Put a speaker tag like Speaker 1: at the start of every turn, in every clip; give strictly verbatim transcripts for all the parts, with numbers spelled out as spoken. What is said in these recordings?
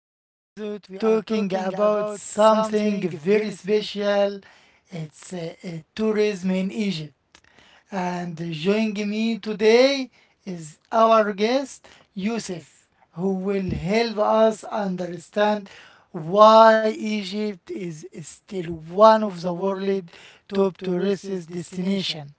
Speaker 1: episode we are talking about something very special. It's uh, uh, tourism in Egypt. And joining me today is our guest Yusuf, who will help us understand why Egypt is still one of the world's top tourist destination.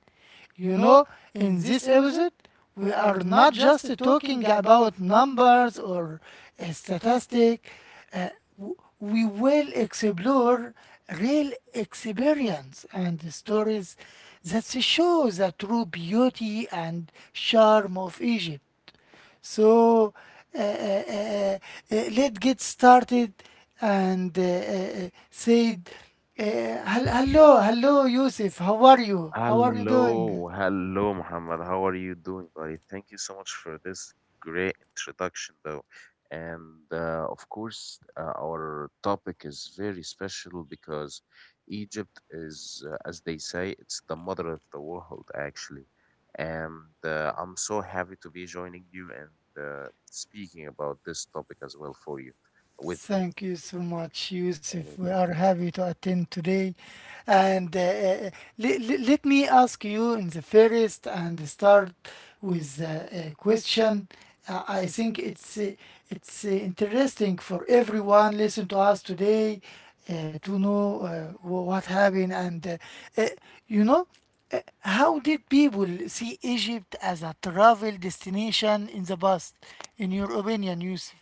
Speaker 1: You know, in this episode, we are not just talking about numbers or uh, statistic. Uh, w- we will explore real experience and stories that show the true beauty and charm of Egypt. So uh, uh, uh, uh, uh, let's get started and uh, uh, uh, say, uh, hel- hello, hello, Yusuf. How are you? How are you doing?
Speaker 2: Hello, hello, Muhammad. How are you doing, buddy? Thank you so much for this great introduction, though. And uh, of course, uh, our topic is very special because Egypt is, uh, as they say, it's the mother of the world, actually. And uh, I'm so happy to be joining you and uh, speaking about this topic as well for you, with you,
Speaker 1: Thank you so much, Yusuf. We
Speaker 2: anytime.
Speaker 1: are happy to attend today. And uh, uh, le- le- Let me ask you in the first and start with uh, a question. Uh, I think it's uh, it's uh, interesting for everyone listen to us today uh, to know uh, wh- what happened and uh, uh, you know uh, how did people see Egypt as a travel destination in the past? In your opinion, Yusuf?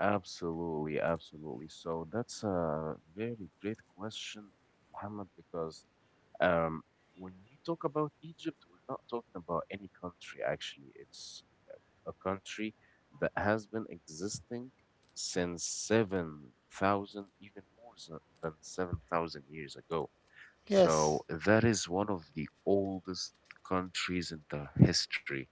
Speaker 2: Absolutely, absolutely. So that's a very great question, Muhammad, because um, when we talk about Egypt, we're not talking about any country, actually. It's a country that has been existing since seven thousand, even more than than seven thousand years ago.
Speaker 1: Yes.
Speaker 2: So that is one of the oldest countries in the history.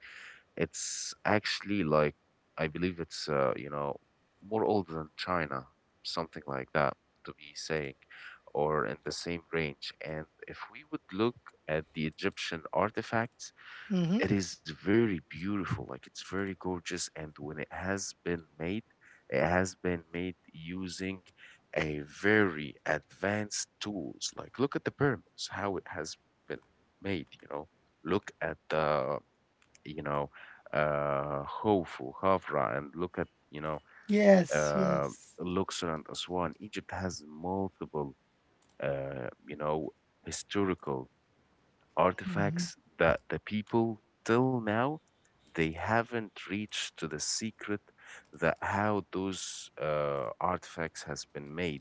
Speaker 2: It's actually like I believe it's uh, you know more old than China, something like that to be saying, or in the same range. And if we would look at the Egyptian artifacts,
Speaker 1: Mm-hmm.
Speaker 2: it is very beautiful. Like it's very gorgeous, and when it has been made, it has been made using a very advanced tools. Like look at the pyramids, how it has been made. You know, look at the you know, uh, Hofu, Hafra, and look at, you know,
Speaker 1: Yes,
Speaker 2: uh,
Speaker 1: yes,
Speaker 2: Luxor and Aswan. Egypt has multiple, uh, you know, historical artifacts that the people till now they haven't reached to the secret that how those uh, artifacts has been made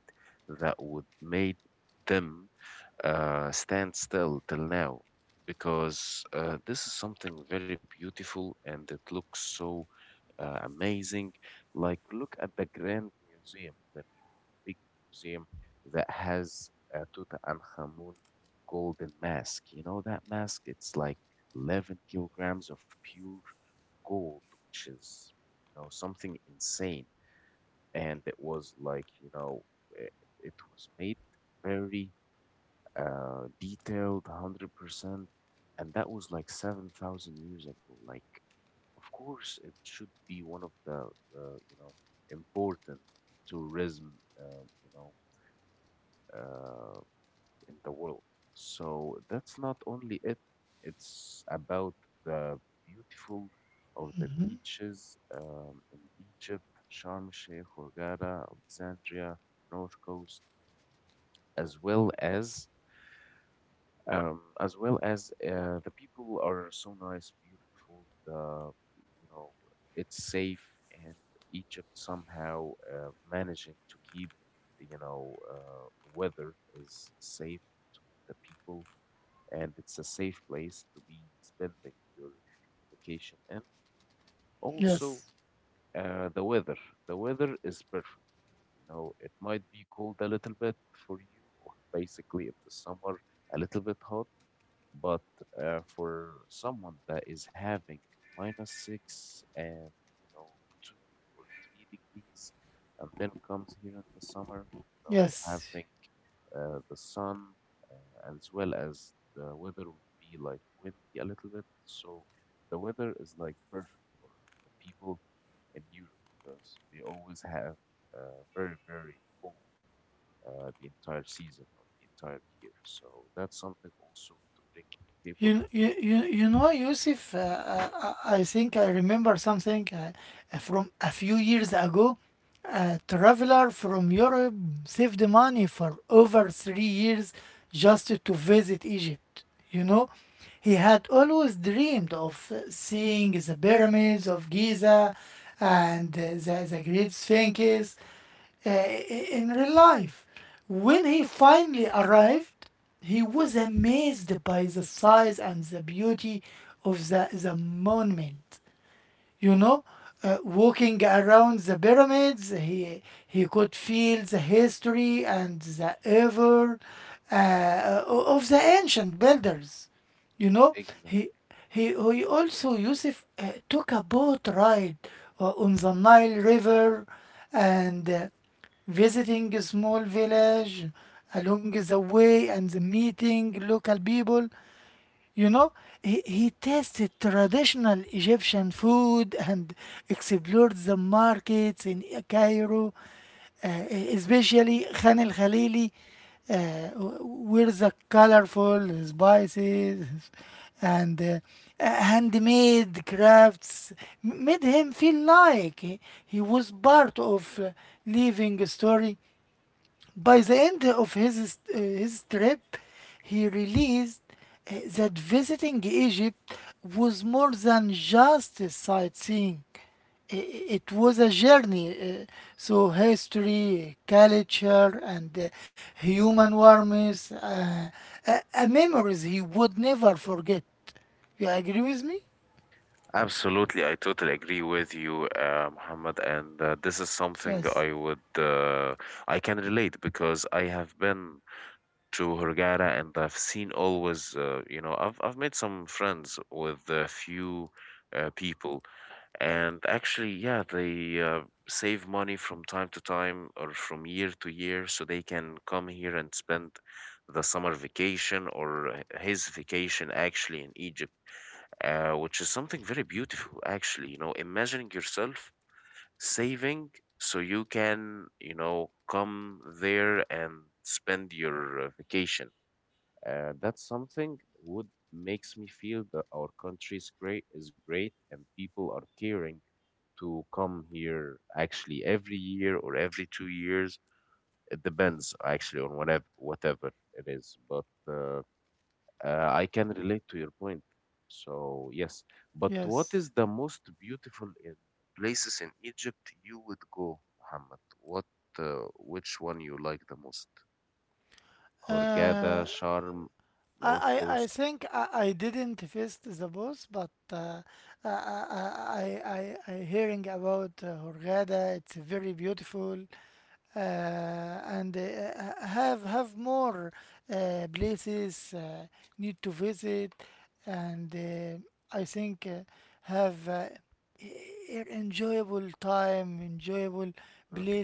Speaker 2: that would make them uh, stand still till now because uh, this is something very beautiful and it looks so uh, amazing. Like, look at the Grand Museum, the new big museum that has uh, Tutankhamun golden mask. You know that mask? It's like eleven kilograms of pure gold, which is, you know, something insane. And it was like, you know, it, it was made very uh, detailed one hundred percent, and that was like seven thousand years ago. Like, of course, it should be one of the, uh, you know, important tourism, uh, you know, uh, in the world. So that's not only it, it's about the beautiful of the beaches um, in Egypt, Sharm el Sheikh, Hurghada, Alexandria, North Coast, as well as um, as well as uh, the people are so nice, beautiful. The you know it's safe, and Egypt somehow uh, managing to keep you know uh, weather is safe between the people, and it's a safe place to be spending your vacation. And also
Speaker 1: yes,
Speaker 2: uh, the weather, the weather is perfect. You know, it might be cold a little bit for you, or basically in the summer, a little bit hot. But uh, for someone that is having minus six and, you know, two or three degrees, and then comes here in the summer, you know,
Speaker 1: yes.
Speaker 2: having uh, the sun uh, as well as the weather would be like windy a little bit. So the weather is like perfect for the people in Europe because they always have uh, very, very cold uh, the entire season or the entire year. So that's something also to bring on the table.
Speaker 1: You, you, you, you know, Yusuf, uh, uh, I I think I remember something uh, uh, from a few years ago. A traveler from Europe saved money for over three years just to visit Egypt. You know, he had always dreamed of uh, seeing the pyramids of Giza and uh, the, the great sphinxes uh, in real life. When he finally arrived, he was amazed by the size and the beauty of the, the monument. You know, uh, walking around the pyramids, he he could feel the history and the evil uh, of the ancient builders. You know,
Speaker 2: Exactly.
Speaker 1: he he, he also, Yusuf, uh, took a boat ride uh, on the Nile river and uh, visiting a small village along the way and meeting local people. You know, he, he tasted traditional Egyptian food and explored the markets in Cairo, uh, especially Khan el Khalili, uh, where the colorful spices and uh, handmade crafts made him feel like he, he was part of uh, living story. By the end of his, uh, his trip, he realized uh, that visiting Egypt was more than just a sightseeing. I- i- It was a journey, uh, so history, culture, and uh, human warmth, uh, uh, uh, memories he would never forget. You agree with me?
Speaker 2: Absolutely, I totally agree with you, uh, Muhammad, and uh, this is something
Speaker 1: Yes.
Speaker 2: I would uh, I can relate because I have been to Hurghada and I've seen always, uh, you know, I've I've made some friends with a few uh, people. And actually, yeah, they uh, save money from time to time or from year to year so they can come here and spend the summer vacation or h- his vacation actually in Egypt, uh, which is something very beautiful, actually. You know, imagining yourself saving so you can, you know, come there and spend your uh, vacation. Uh, that's something would makes me feel that our country is great is great and people are caring to come here actually every year or every two years. It depends actually on whatever whatever it is. But uh, uh, I can relate to your point. So yes, but what is the most beautiful in places in Egypt you would go, Muhammad? What uh, which one you like the most? Hurghada, Sharm, North Coast. Mm-hmm.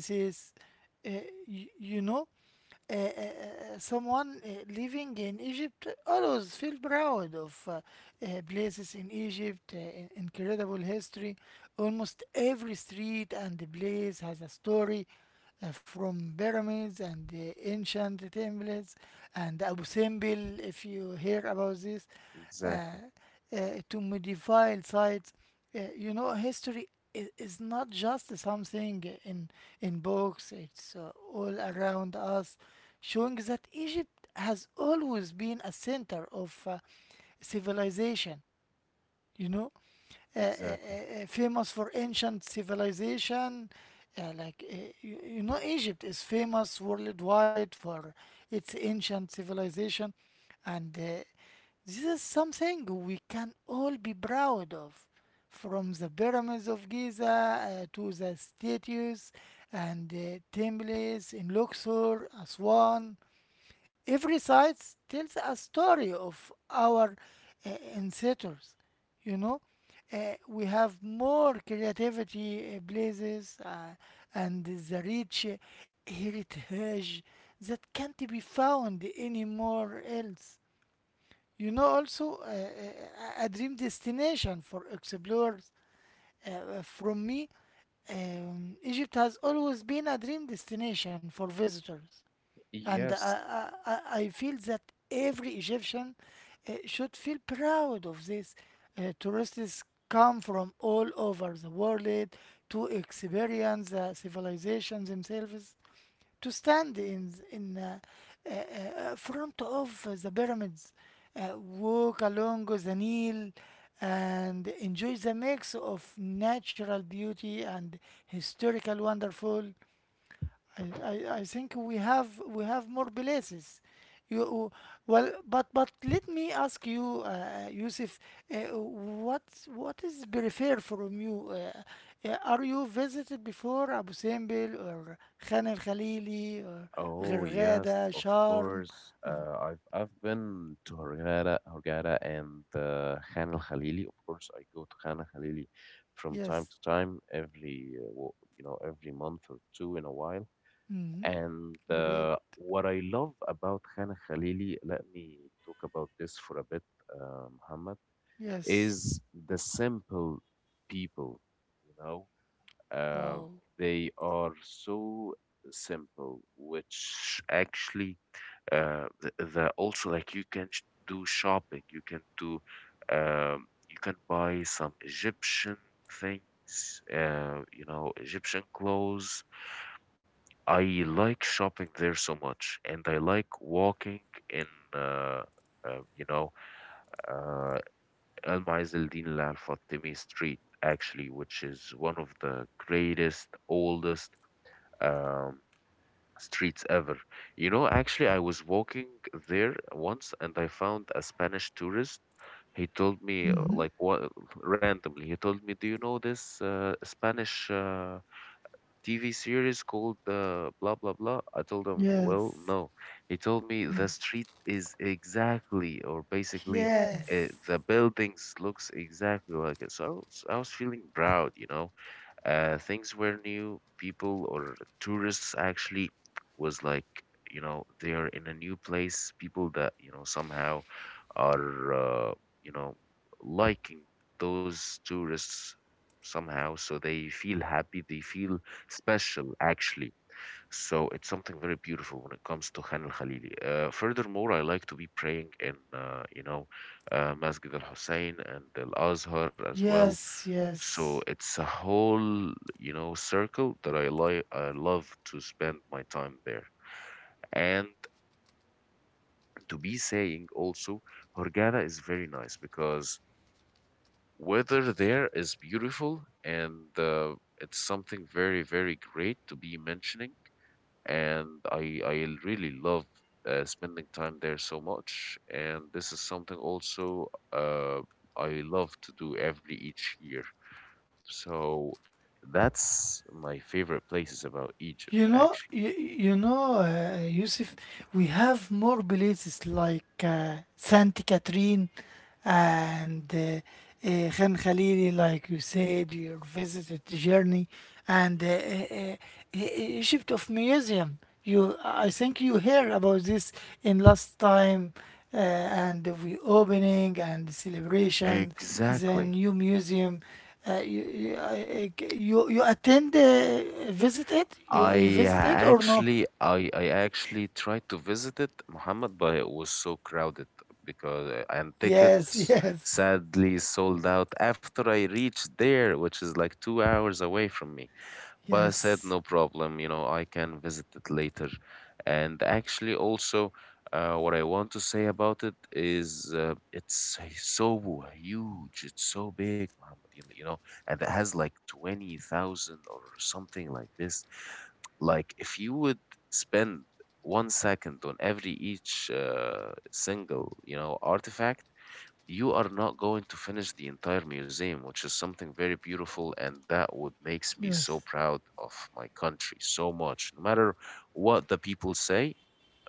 Speaker 2: Exactly. Exactly. Yes. Oh yes, of course. Uh, I've I've been to Hurghada, Hurghada and uh, Khan al Khalili. Of course, I go to Khan al Khalili from time to time, every uh, wo- you know every month or two in a while. And uh, what I love about Khan al Khalili, let me talk about this for a bit, uh, Muhammad, is the simple people. You know, uh, they are so simple, which actually uh, the, the also like you can sh- do shopping, you can do um, you can buy some Egyptian things, uh, you know, Egyptian clothes. I like shopping there so much, and I like walking in. Uh, uh, you know, uh, Al Maiz al Din Al Fatimi Street, actually, which is one of the greatest, oldest um, streets ever. You know, actually, I was walking there once and I found a Spanish tourist. He told me, uh, like, what randomly, he told me, do you know this uh, Spanish uh, T V series called uh, blah blah blah? I told him, well,
Speaker 1: Yes.
Speaker 2: no. He told me the street is exactly or basically. Uh,
Speaker 1: Yes.
Speaker 2: the buildings looks exactly like it, so I was, I was feeling proud, you know, uh, things were new people or tourists actually was like, you know, they're in a new place, people that you know somehow are uh, you know liking those tourists somehow so they feel happy, they feel special actually, so it's something very beautiful when it comes to Khan al-Khalili. Uh, furthermore I like to be praying in uh, you know uh, Masjid al-Hussein and al-Azhar as well,
Speaker 1: Yes.
Speaker 2: so
Speaker 1: Yes.
Speaker 2: it's a whole, you know, circle that I like, I love to spend my time there. And to be saying also, Hurghada is very nice because weather there is beautiful and uh, it's something very very great to be mentioning, and i i really love uh, spending time there so much, and this is something also uh, I love to do every each year. So that's my favorite places about Egypt,
Speaker 1: You know,
Speaker 2: actually.
Speaker 1: you, you know, uh, Yusuf, we have more places like uh, Santa Catherine and uh, uh, Khan Khalili, like you said, you visited the journey, and uh, uh, uh, E- E- Egypt of Museum. You, I think you heard about this in last time, uh, and the opening and celebration, the
Speaker 2: Exactly.
Speaker 1: new museum. Uh, you, you, I- I- you you attend uh, visit it? You you
Speaker 2: I
Speaker 1: visit it or no?
Speaker 2: actually, I I actually tried to visit it, Muhammad, but it was so crowded because uh, and
Speaker 1: Yes,
Speaker 2: tickets
Speaker 1: yes,
Speaker 2: sadly sold out after I reached there, which is like two hours away from me. But I said,
Speaker 1: yes,
Speaker 2: no problem, you know, I can visit it later. And actually, also, uh, what I want to say about it is uh, it's so huge, it's so big, Muhammad, you you know, and it has like twenty thousand or something like this. Like, if you would spend one second on every each uh, single, you know, artifact, you are not going to finish the entire museum, which is something very beautiful, and that would makes me
Speaker 1: yes,
Speaker 2: so proud of my country so much. No matter what the people say,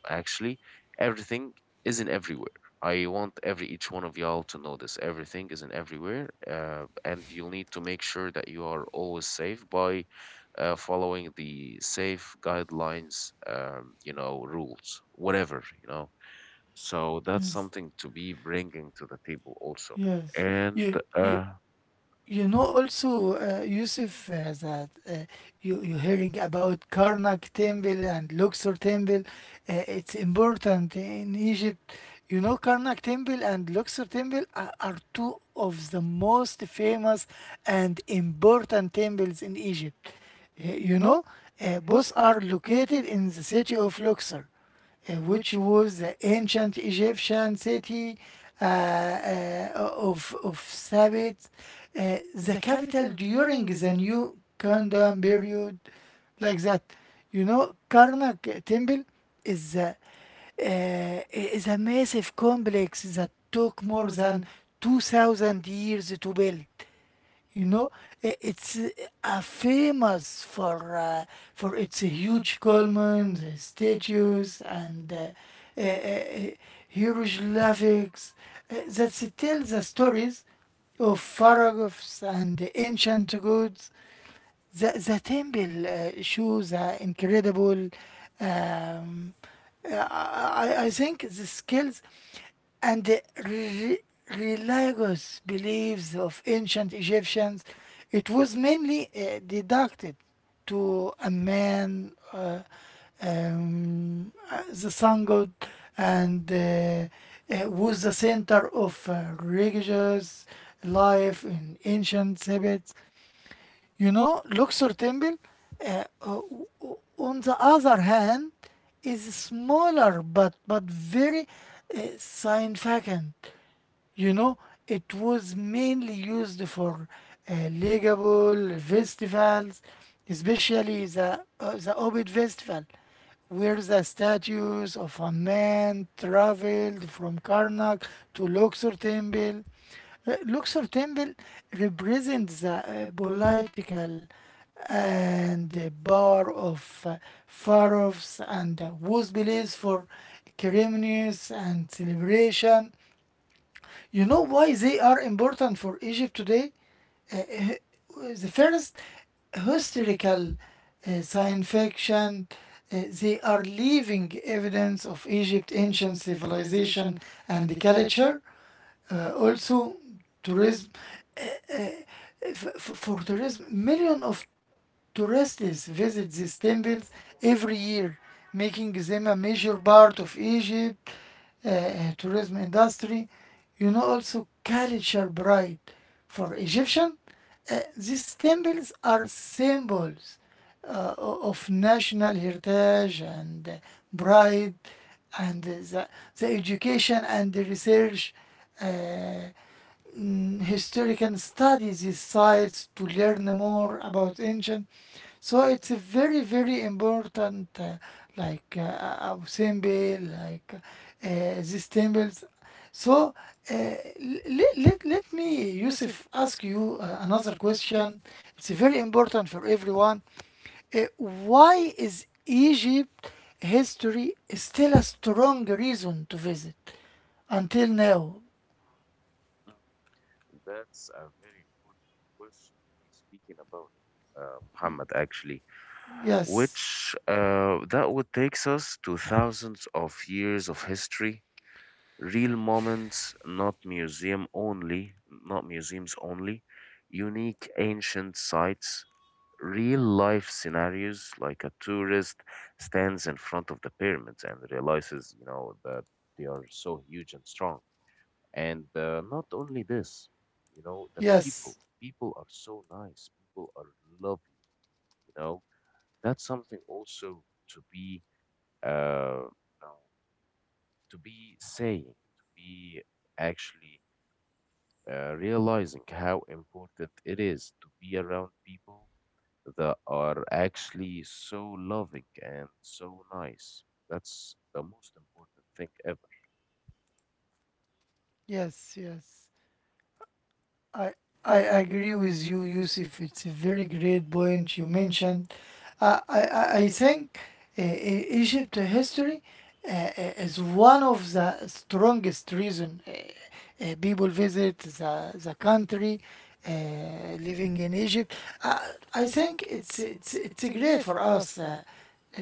Speaker 2: actually, everything isn't everywhere. I want every each one of y'all to know this. Everything isn't everywhere, uh, and you'll need to make sure that you are always safe by uh, following the safe guidelines, um, you know, rules, whatever you know. So that's
Speaker 1: yes,
Speaker 2: something to be bringing to the table also.
Speaker 1: yes.
Speaker 2: And
Speaker 1: You you
Speaker 2: uh,
Speaker 1: You know, also, uh, Yusuf, uh, that uh, you, you hearing about Karnak Temple and Luxor Temple. Uh, it's important in Egypt. You know, Karnak Temple and Luxor Temple are, are two of the most famous and important temples in Egypt. Uh, you know, uh, Both are located in the city of Luxor uh, which was the ancient Egyptian city uh, uh, of, of Sabbath, uh, the capital during the New Kingdom period, like that. You know, Karnak Temple is a, uh, is a massive complex that took more than two thousand years to build. You know, I- it's uh, uh, famous for uh, for its huge columns, uh, statues, and uh, uh, uh, hieroglyphics uh, that tell the stories of pharaohs and ancient gods. The the temple uh, shows the incredible. Um, uh, I, I I think the skills and the re- religious beliefs of ancient Egyptians. It was mainly uh, deducted to a man, uh, um, uh, the sun god, and uh, uh, was the center of uh, religious life in ancient Tibet. You know, Luxor temple, uh, uh, on the other hand, is smaller but but very uh, significant. You know, it was mainly used for uh, legible festivals, especially the, uh, the Obid festival, where the statues of a man traveled from Karnak to Luxor temple. Uh, Luxor temple represents the uh, political and the power of uh, pharaohs and uh, was believed for ceremonies and celebration. You know why they are important for Egypt today? Uh, The first historical uh, science fiction, uh, they are leaving evidence of Egypt ancient civilization and the culture. Uh, also, tourism. F- f- for tourism, millions of tourists visit these temples every year, making them a major part of Egypt uh, uh, tourism industry. You know, also culture pride for Egyptian. Uh, these temples are symbols uh, o- of national heritage and uh, pride, and uh, the, the education and the research. uh, mm, Historical studies these sites to learn more about ancient. So it's a very, very important, uh, like uh, our temple, like uh, these temples. So uh, let, let, let me, Yusuf, ask you uh, another question. It's very
Speaker 2: sure,
Speaker 1: important for everyone. Uh, why is Egypt history still a strong reason to visit until now?
Speaker 2: mm, that's a very important question to be speaking about it, uh, Muhammad, actually,
Speaker 1: Yes,
Speaker 2: which uh, that would takes us to thousands of years of history, real moments, not museum only, not museums only, unique ancient sites, real life scenarios like a tourist stands in front of the pyramids and realizes, you know, that they are so huge and strong. And uh, not only this, you know, the people
Speaker 1: yes.
Speaker 2: people are so nice, people are lovely, you know, that's something also to be uh you know to be saying, to be actually uh, realizing how important it is to be around people that are actually so loving and so nice. That's the most important thing ever.
Speaker 1: I agree with you, Yusuf. It's a very great point you mentioned. Uh, I, I, I think uh, E- Egypt history uh, uh, is one of the strongest reason uh, uh, people visit the, the country uh, living in Egypt. Uh, I think it's, it's, it's great for us uh,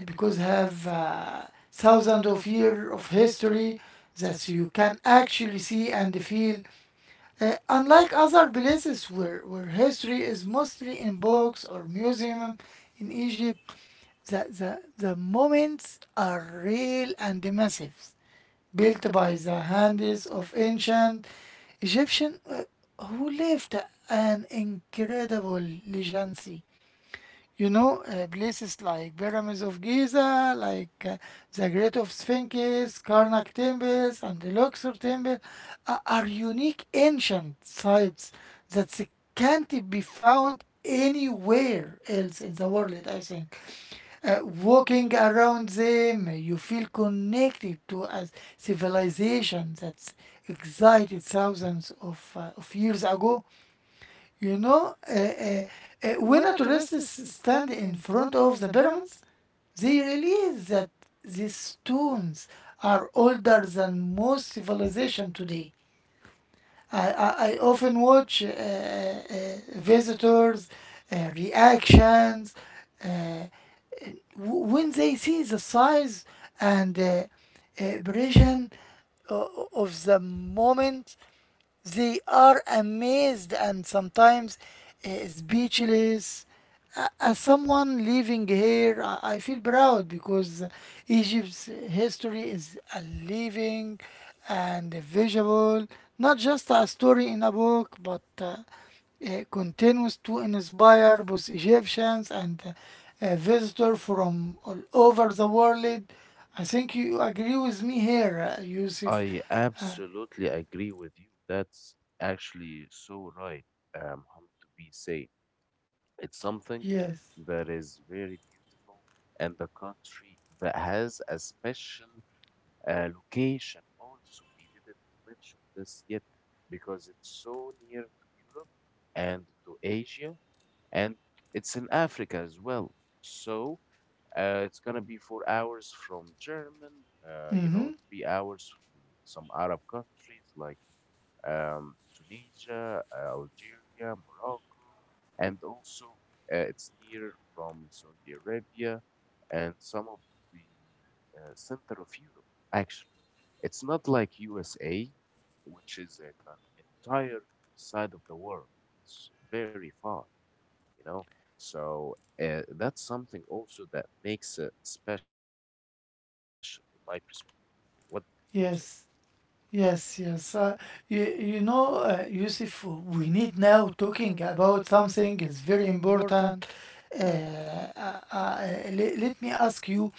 Speaker 1: because have uh, thousands of years of history that you can actually see and feel, uh, unlike other places where, where history is mostly in books or museum. In Egypt, the, the, the moments are real and massive, built by the hands of ancient Egyptian uh, who lived an incredible legacy. You know, uh, places like Pyramids of Giza, like uh, the Great of Sphinxes, Karnak temples, and the Luxor temple a- are unique ancient sites that s- can't be found anywhere else in the world, I think. Uh, walking around them, uh, you feel connected to a civilization that's existed thousands of, uh, of years ago. You know, uh, uh, uh, when a tourist stand in front of the pyramids, they realize that these stones are older than most civilization today. I, I, I often watch uh, uh, uh, visitors' uh, reactions uh, w- when they see the size and uh, uh, precision o- of the moment. They are amazed and sometimes uh, speechless. A- As someone living here, I I feel proud because Egypt's history is a living and visible, not just a story in a book, but uh, uh, continues to inspire both Egyptians and uh, visitors from all over the world. I think you agree with me here, uh, Yusuf.
Speaker 2: I
Speaker 1: Uh,
Speaker 2: absolutely agree with you. That's actually so right, um, Mohammed, to be saying. It's something
Speaker 1: yes.
Speaker 2: that is very beautiful, and the country that has a special uh, location also. We didn't mention this yet because it's so near to Europe and to Asia and it's in Africa as well. So uh, it's gonna be four hours from German, uh, you know,
Speaker 1: Mm-hmm.
Speaker 2: three hours from some Arab countries like um, Tunisia, uh, Algeria, Morocco, and also uh, it's near from Saudi Arabia and some of the uh, center of Europe. Actually, it's not like U S A, which is in an entire side of the world. It's very far, you know? So uh, that's something also that makes it special in my perspective. What do you say?
Speaker 1: Yes, yes, yes. Uh, you, you know, uh, Yusuf, we need now talking about something is very important. Uh, uh, uh, le- Let me ask you,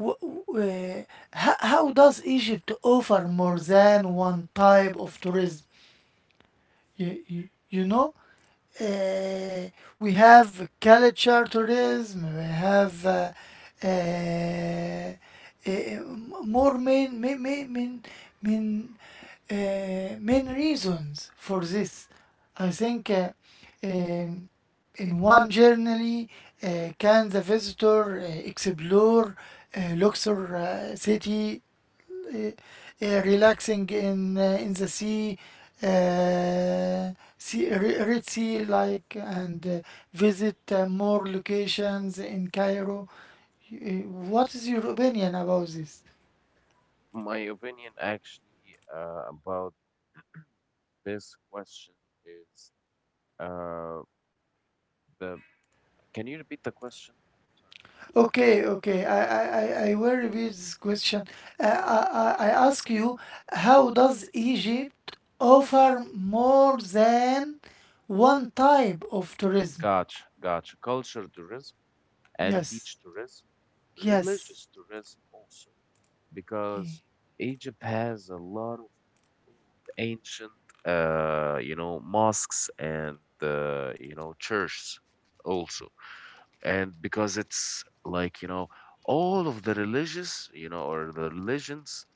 Speaker 1: wh- wh- uh, ho- how does Egypt offer more than one type of tourism? You, you, you
Speaker 2: Mhm.
Speaker 1: know, uh, we have culture tourism, we have uh, uh, uh, more main, main, main, main, main, uh, main reasons for this. I think uh, um, in one journey uh, can the visitor uh, explore uh, Luxor uh, city, uh, uh, relaxing in uh, in the sea, uh, sea Re- Red Sea, like, and uh, visit uh, more locations in Cairo. Y- uh, What is your opinion about this?
Speaker 2: My opinion actually uh, about this question is uh, the can you repeat the question?
Speaker 1: Okay, okay. I I, I, I will repeat this question. Uh, I, I I ask you, how does Egypt offer more than one type of tourism?
Speaker 2: Gotcha, gotcha. Culture tourism and beach
Speaker 1: Yes,
Speaker 2: tourism,
Speaker 1: yes.
Speaker 2: religious tourism also,
Speaker 1: Yeah.
Speaker 2: because Egypt has a lot of old ancient uh you know mosques and uh, you know churches also, and because it's like you know all of the religious you know or the religions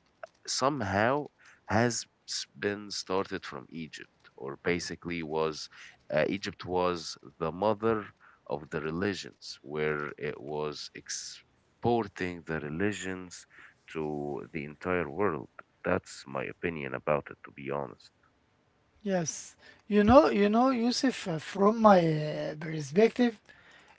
Speaker 2: somehow has s- been started from Egypt, or basically was uh, Egypt was the mother of the religions, where it was exporting the religions to the entire world. That's my opinion about it, to be honest.
Speaker 1: Yes, you know, you know, Yusuf, uh, from my uh, perspective,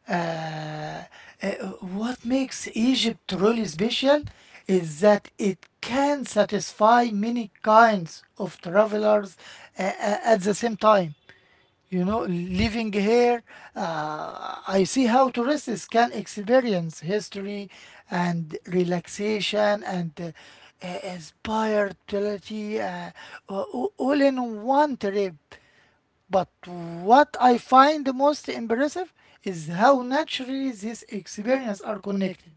Speaker 1: uh, uh, what makes Egypt really special is that it can satisfy many kinds of travelers uh, uh, at the same time. You know, living here, uh, I see how tourists can experience history and relaxation and uh, uh, inspired uh, a- a- all in one trip. But what I find the most impressive is how naturally these experiences are connected.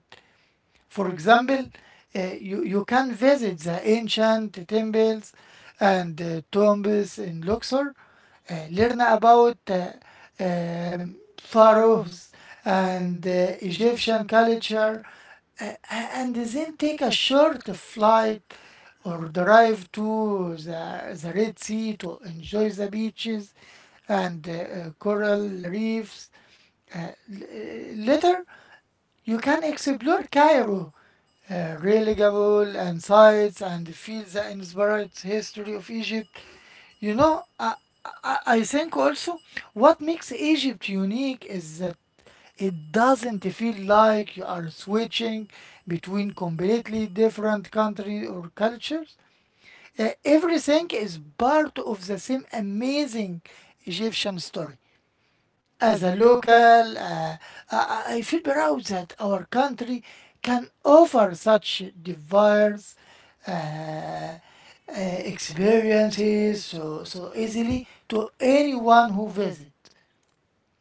Speaker 1: For example, uh, you, you can visit the ancient temples and uh, tombs in Luxor, uh, learn about uh, um, pharaohs and uh, Egyptian culture, uh, and then take a short flight or drive to the, the Red Sea to enjoy the beaches and uh, uh, coral reefs. Uh, uh, Later, you can explore Cairo, uh, reliable and sites, and feel the inspired history of Egypt. You know, I, I, I think also what makes Egypt unique is that it doesn't feel like you are switching between completely different countries or cultures. Uh, everything is part of the same amazing Egyptian story. As a local, uh, I, I feel proud that our country can offer such diverse uh, uh, experiences so, so easily to anyone who visits.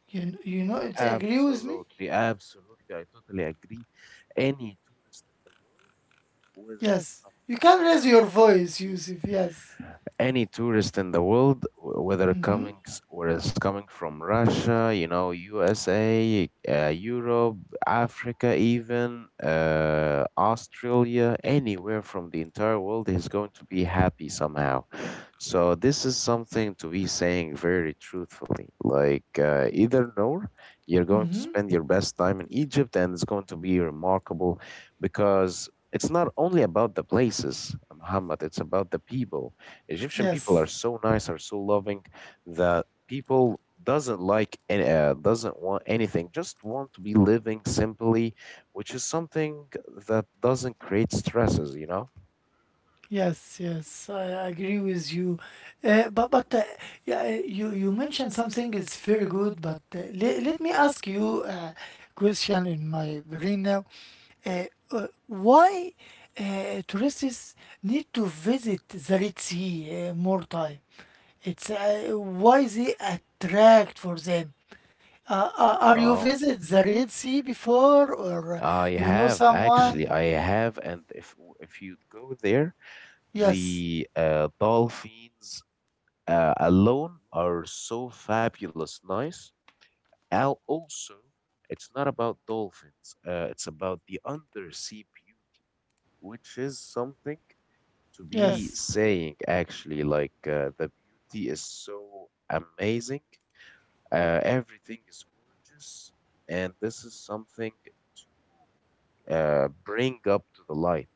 Speaker 1: You, kn- you know, it's agree with me?
Speaker 2: Absolutely, absolutely. I totally agree. Any tourist in the world, whether he's
Speaker 1: Yes.
Speaker 2: coming
Speaker 1: You
Speaker 2: from
Speaker 1: can raise your
Speaker 2: Russia,
Speaker 1: voice, Yusuf. Yes.
Speaker 2: Any tourist in the world, w- whether coming s- whether it's coming from Russia, you know, U S A, uh, Europe, Africa, even uh, Australia, anywhere from the entire world is going to be happy somehow. So this is something to be saying very truthfully. Like uh, either nor, you're going to spend your best time in Egypt, and it's going to be remarkable because it's not only about the places, Muhammad, it's about the people. Egyptian people are
Speaker 1: Yes.
Speaker 2: so nice, are so loving, that people doesn't like any, uh, doesn't want anything, just want to be living simply, which is something that doesn't create stresses, you know?
Speaker 1: Yes, yes, I agree with you. Uh, but but uh, yeah, uh, you you mentioned something is very good. But uh, le- let me ask you a question in my brain now. Uh, uh, why uh, tourists need to visit the Red Sea uh, more time? It's uh, why is it attract for them? Uh, uh, are you
Speaker 2: Oh,
Speaker 1: visit the Red Sea before, or uh,
Speaker 2: I
Speaker 1: you know
Speaker 2: have actually,
Speaker 1: someone?
Speaker 2: I have, and if w- if you go there,
Speaker 1: Yes,
Speaker 2: the uh, dolphins uh, alone are so fabulous nice. Al also, it's not about dolphins. Uh, it's about the undersea beauty, which is something to be
Speaker 1: yes,
Speaker 2: saying actually. Like uh, the beauty is so amazing. Uh, everything is gorgeous, and this is something to uh, bring up to the light.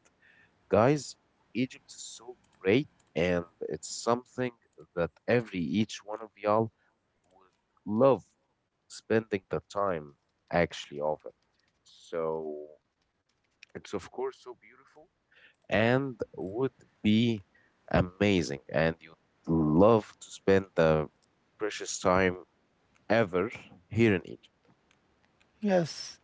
Speaker 2: Guys, Egypt is so great, and it's something that every each one of y'all would love spending the time actually of it. So it's of course so beautiful and would be amazing, and you'd love to spend the precious time ever here in Egypt.
Speaker 1: yes.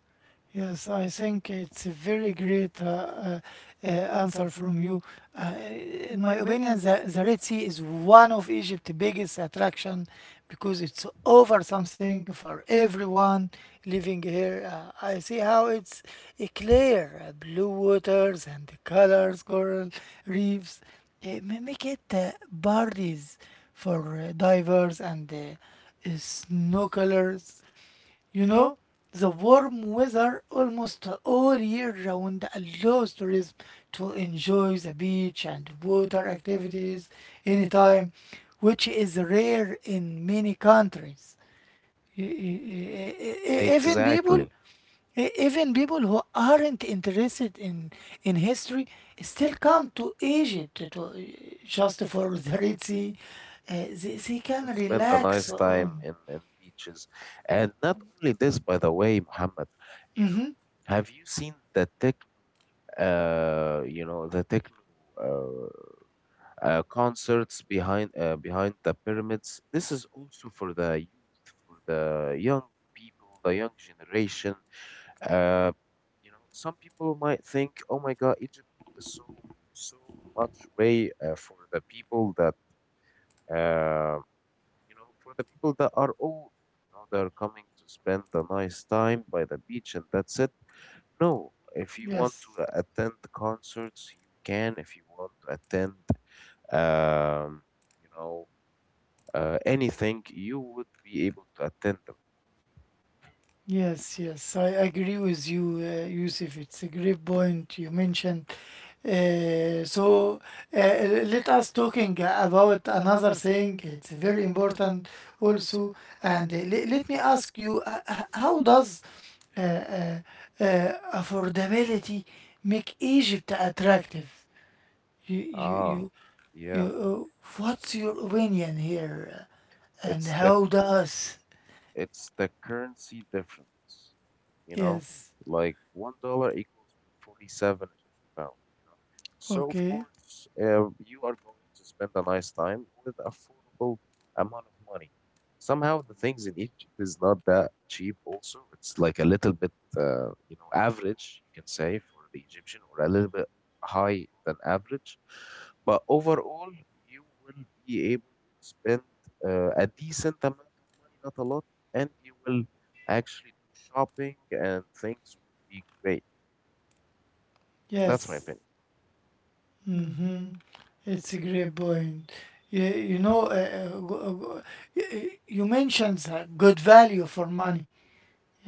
Speaker 1: Yes, I think it's a very great uh, uh, uh, answer from you. Uh, in my opinion, the, the Red Sea is one of Egypt's biggest attraction because it's over something for everyone living here. Uh, I see how it's uh, clear, uh, blue waters and the colors, coral reefs. Uh, ma- make it uh, parties for uh, divers and uh, uh, snorkelers. You know, the warm weather almost all year round allows tourism to enjoy the beach and water activities anytime, which is rare in many countries. E- e- e- e- e- Even people
Speaker 2: Exactly.
Speaker 1: E- Even people who aren't interested in in history still come to Egypt to, to- just for the Red Sea. Uh, they, they can
Speaker 2: To spend a
Speaker 1: relax
Speaker 2: nice time
Speaker 1: on.
Speaker 2: in, in beaches. And not only this, by the way, Muhammad, you know, have you seen the techno, uh, you know, the techno uh, uh, concerts behind uh, behind the pyramids? This is also for the youth, for the young people, the young generation. Uh, you know, some people might think, oh my God, Egypt is so so much way uh, for the people that. um you know, for the people that are old, you know, they're coming to spend a nice time by the beach and that's it. No, if you want
Speaker 1: Yes.
Speaker 2: to uh, attend concerts, you can. If you want to attend, um, you know, uh, anything, you would be able to attend them.
Speaker 1: Yes, yes, I agree with you, uh, Yusuf. It's a great point you mentioned. Uh, so uh, let us talking about another thing. It's very important also. And uh, le- let me ask you, uh, h- how does uh, uh, uh, affordability make Egypt attractive? You, you,
Speaker 2: Ah,
Speaker 1: you, you.
Speaker 2: yeah.
Speaker 1: Uh, what's your opinion here? And
Speaker 2: It's the
Speaker 1: how does?
Speaker 2: It's the currency difference, you know,
Speaker 1: Yes.
Speaker 2: like one dollar equals forty-seven Egyptian pound, you know. So of
Speaker 1: Okay.
Speaker 2: course, uh, you are going to spend a nice time with affordable amount of money. Somehow the things in Egypt is not that cheap also. It's like a little bit, uh, you know, average, you can say, for the Egyptian or a little bit high than average. But overall, you will be able to spend uh, a decent amount of money, not a lot, and you will actually do shopping and things would be great. That's my
Speaker 1: Yes,
Speaker 2: opinion.
Speaker 1: it's a great point. You, you know, uh, uh, go- uh, go- y- y- you mentioned the good value for money.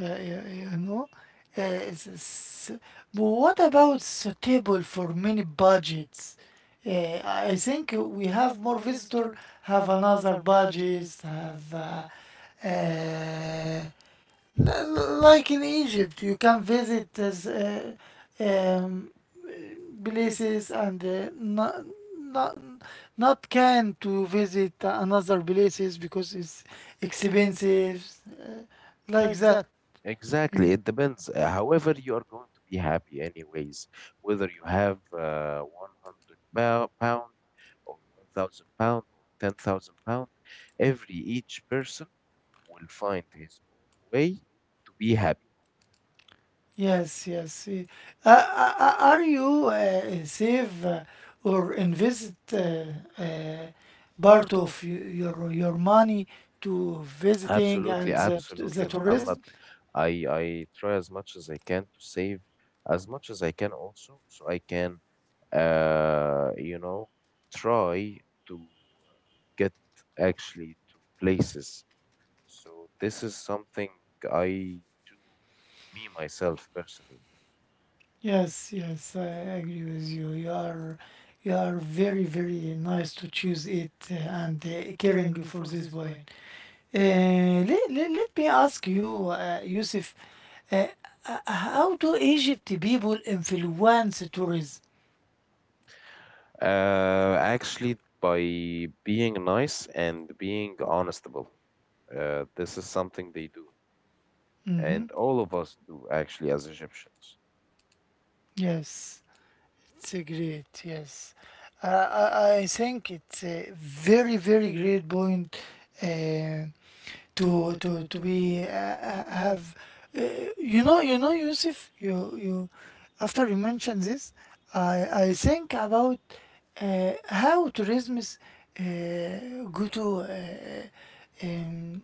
Speaker 1: Uh, you, you know, uh, it's, it's- but what about suitable for many budgets? Uh, I I think we have more visitor have another budgets have uh, uh, L- like in Egypt, you can visit as, uh, um, places and uh, not, not, not can to visit another places because it's expensive, like that. Mm.
Speaker 2: Exactly. It depends. Uh, However, you are going to be happy anyways, whether you have uh, one hundred pou- pound or one thousand pound or ten thousand pound, every each person will find his own way to be happy.
Speaker 1: Yes, yes. y- Uh, uh, uh, are you uh, save uh, or invest uh, uh, part of y- your your money to visiting
Speaker 2: Absolutely,
Speaker 1: and the, t- the
Speaker 2: absolutely,
Speaker 1: tourism?
Speaker 2: Muhammad. I I try as much as I can to save as much as I can also, so I can, uh, you know, try to get actually to places. So this is something I do me myself personally.
Speaker 1: Yes, yes, I agree with you. You are you are very, very nice to choose it uh, and uh, caring for this wine. Uh, let, let, let me ask you, uh, Yusuf, uh, uh, how do Egypt people influence tourism?
Speaker 2: Uh, actually, by being nice and being honestable, uh, this is something they do, and all of us do actually as Egyptians.
Speaker 1: Yes. It's a great, yes. Uh, I, I think it's a very, very great point uh, to to to be uh, have. Uh, you know, you know, Yusuf. You you. After you mention this, I I think about uh, how tourism is uh, go to uh, um,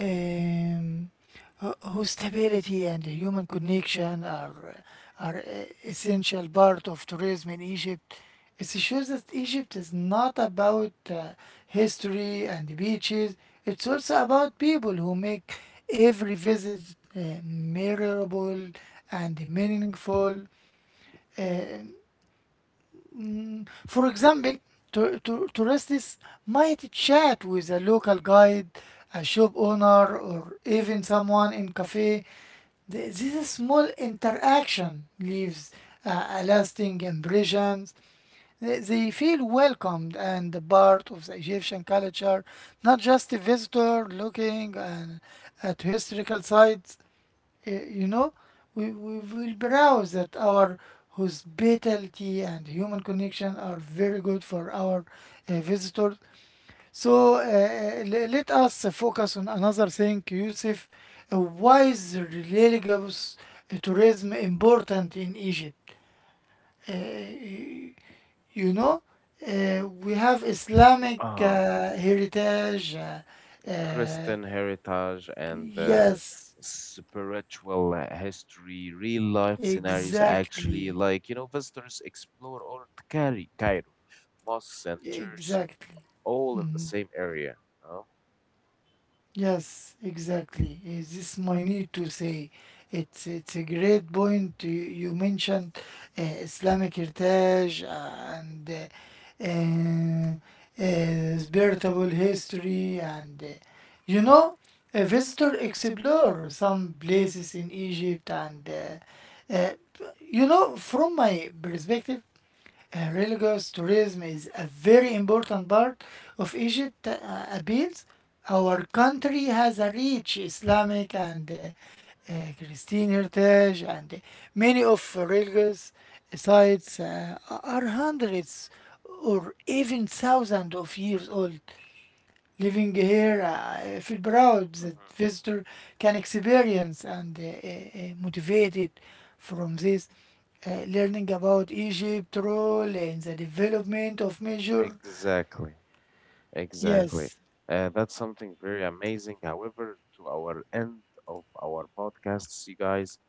Speaker 1: um, ho- hospitality and human connection are are e- essential part of tourism in Egypt. It shows that Egypt is not about uh, history and beaches. It's also about people who make every visit uh, memorable and meaningful. Uh, Mm, For example, to, to, tourists might chat with a local guide, a shop owner, or even someone in cafe. The- This small interaction leaves a, a lasting impression. They, they feel welcomed and a part of the Egyptian culture, not just a visitor looking uh, at historical sites uh, you know, we, we will browse that our hospitality and human connection are very good for our uh, visitors. So uh, uh, le- let us focus on another thing, Yusuf. Uh, why is religious uh, tourism important in Egypt? Uh, uh, you know, uh, we have Islamic
Speaker 2: uh
Speaker 1: uh, heritage. Uh, uh,
Speaker 2: Christian heritage and uh,
Speaker 1: yes,
Speaker 2: spiritual history, real life scenarios actually,
Speaker 1: exactly,
Speaker 2: like you know, visitors explore or Cairo, Cairo, mosques and church,
Speaker 1: exactly.
Speaker 2: all in the same area, you know?
Speaker 1: Yes, exactly. Is this my need to say? It's it's a great point. You, you mentioned uh, Islamic heritage uh, and uh, uh, uh, spiritual history, and uh, you know, a visitor explore some places in Egypt, and uh, uh, you know, from my perspective, uh, religious tourism is a very important part of Egypt uh, appeals. Our country has a rich Islamic and uh, uh, Christian heritage, and uh, many of religious sites uh, are hundreds or even thousands of years old. Living here, I feel proud that
Speaker 2: Hmm.
Speaker 1: visitor can experience and uh, uh, uh, motivated from this uh, learning about Egypt role in the development of measure.
Speaker 2: Exactly, exactly.
Speaker 1: Yes,
Speaker 2: Uh, that's something very amazing. However, to our end of our podcasts, you guys,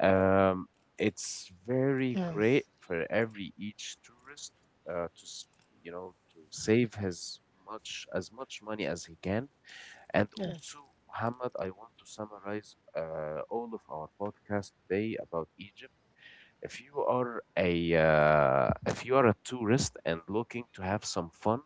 Speaker 2: Um, it's very
Speaker 1: yes,
Speaker 2: great for every each tourist uh, to s- you know, to save his much as much money as he can. And also,
Speaker 1: yes,
Speaker 2: Muhammad, I want to summarize uh, all of our podcast today about Egypt. If you are a uh, if you are a tourist and looking to have some fun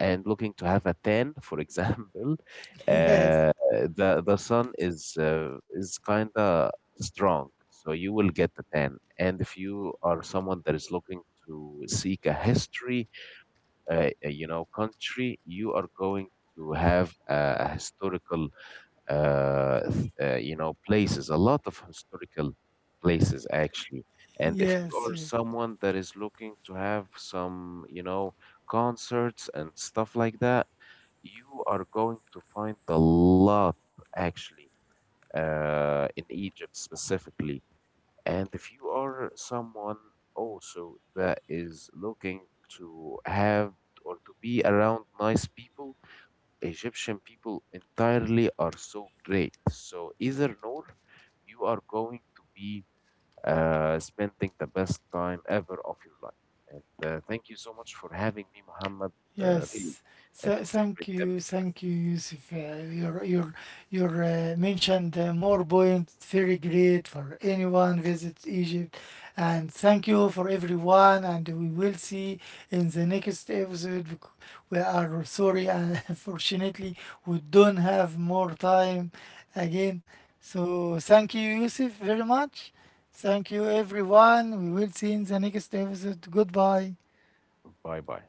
Speaker 2: and looking to have a tan, for example,
Speaker 1: yes,
Speaker 2: uh, the the sun is uh, is kind of strong, so you will get a tan. And if you are someone that is looking to seek a history, uh, uh, you know, country, you are going to have a a historical uh, th- uh, you know, places, a lot of historical places actually. And if you
Speaker 1: yes,
Speaker 2: are
Speaker 1: yes.
Speaker 2: someone that is looking to have some, you know, concerts and stuff like that, you are going to find a lot actually uh, in Egypt specifically. And if you are someone also that is looking to have or to be around nice people, Egyptian people entirely are so great. So either Noor, you are going to be uh, spending the best time ever of your life. And uh, thank you so much for having me, Muhammad. Uh, really,
Speaker 1: Yes.
Speaker 2: it
Speaker 1: So,
Speaker 2: was a
Speaker 1: thank
Speaker 2: great
Speaker 1: you,
Speaker 2: episode.
Speaker 1: thank you, Yusuf. Uh, your your your uh, mentioned uh, more points very great for anyone visits Egypt, and thank you for everyone. And we will see in the next episode. bec- We are sorry, uh, unfortunately, we don't have more time again. So thank you, Yusuf, very much. Thank you, everyone. We will see in the next episode. Goodbye.
Speaker 2: Bye bye.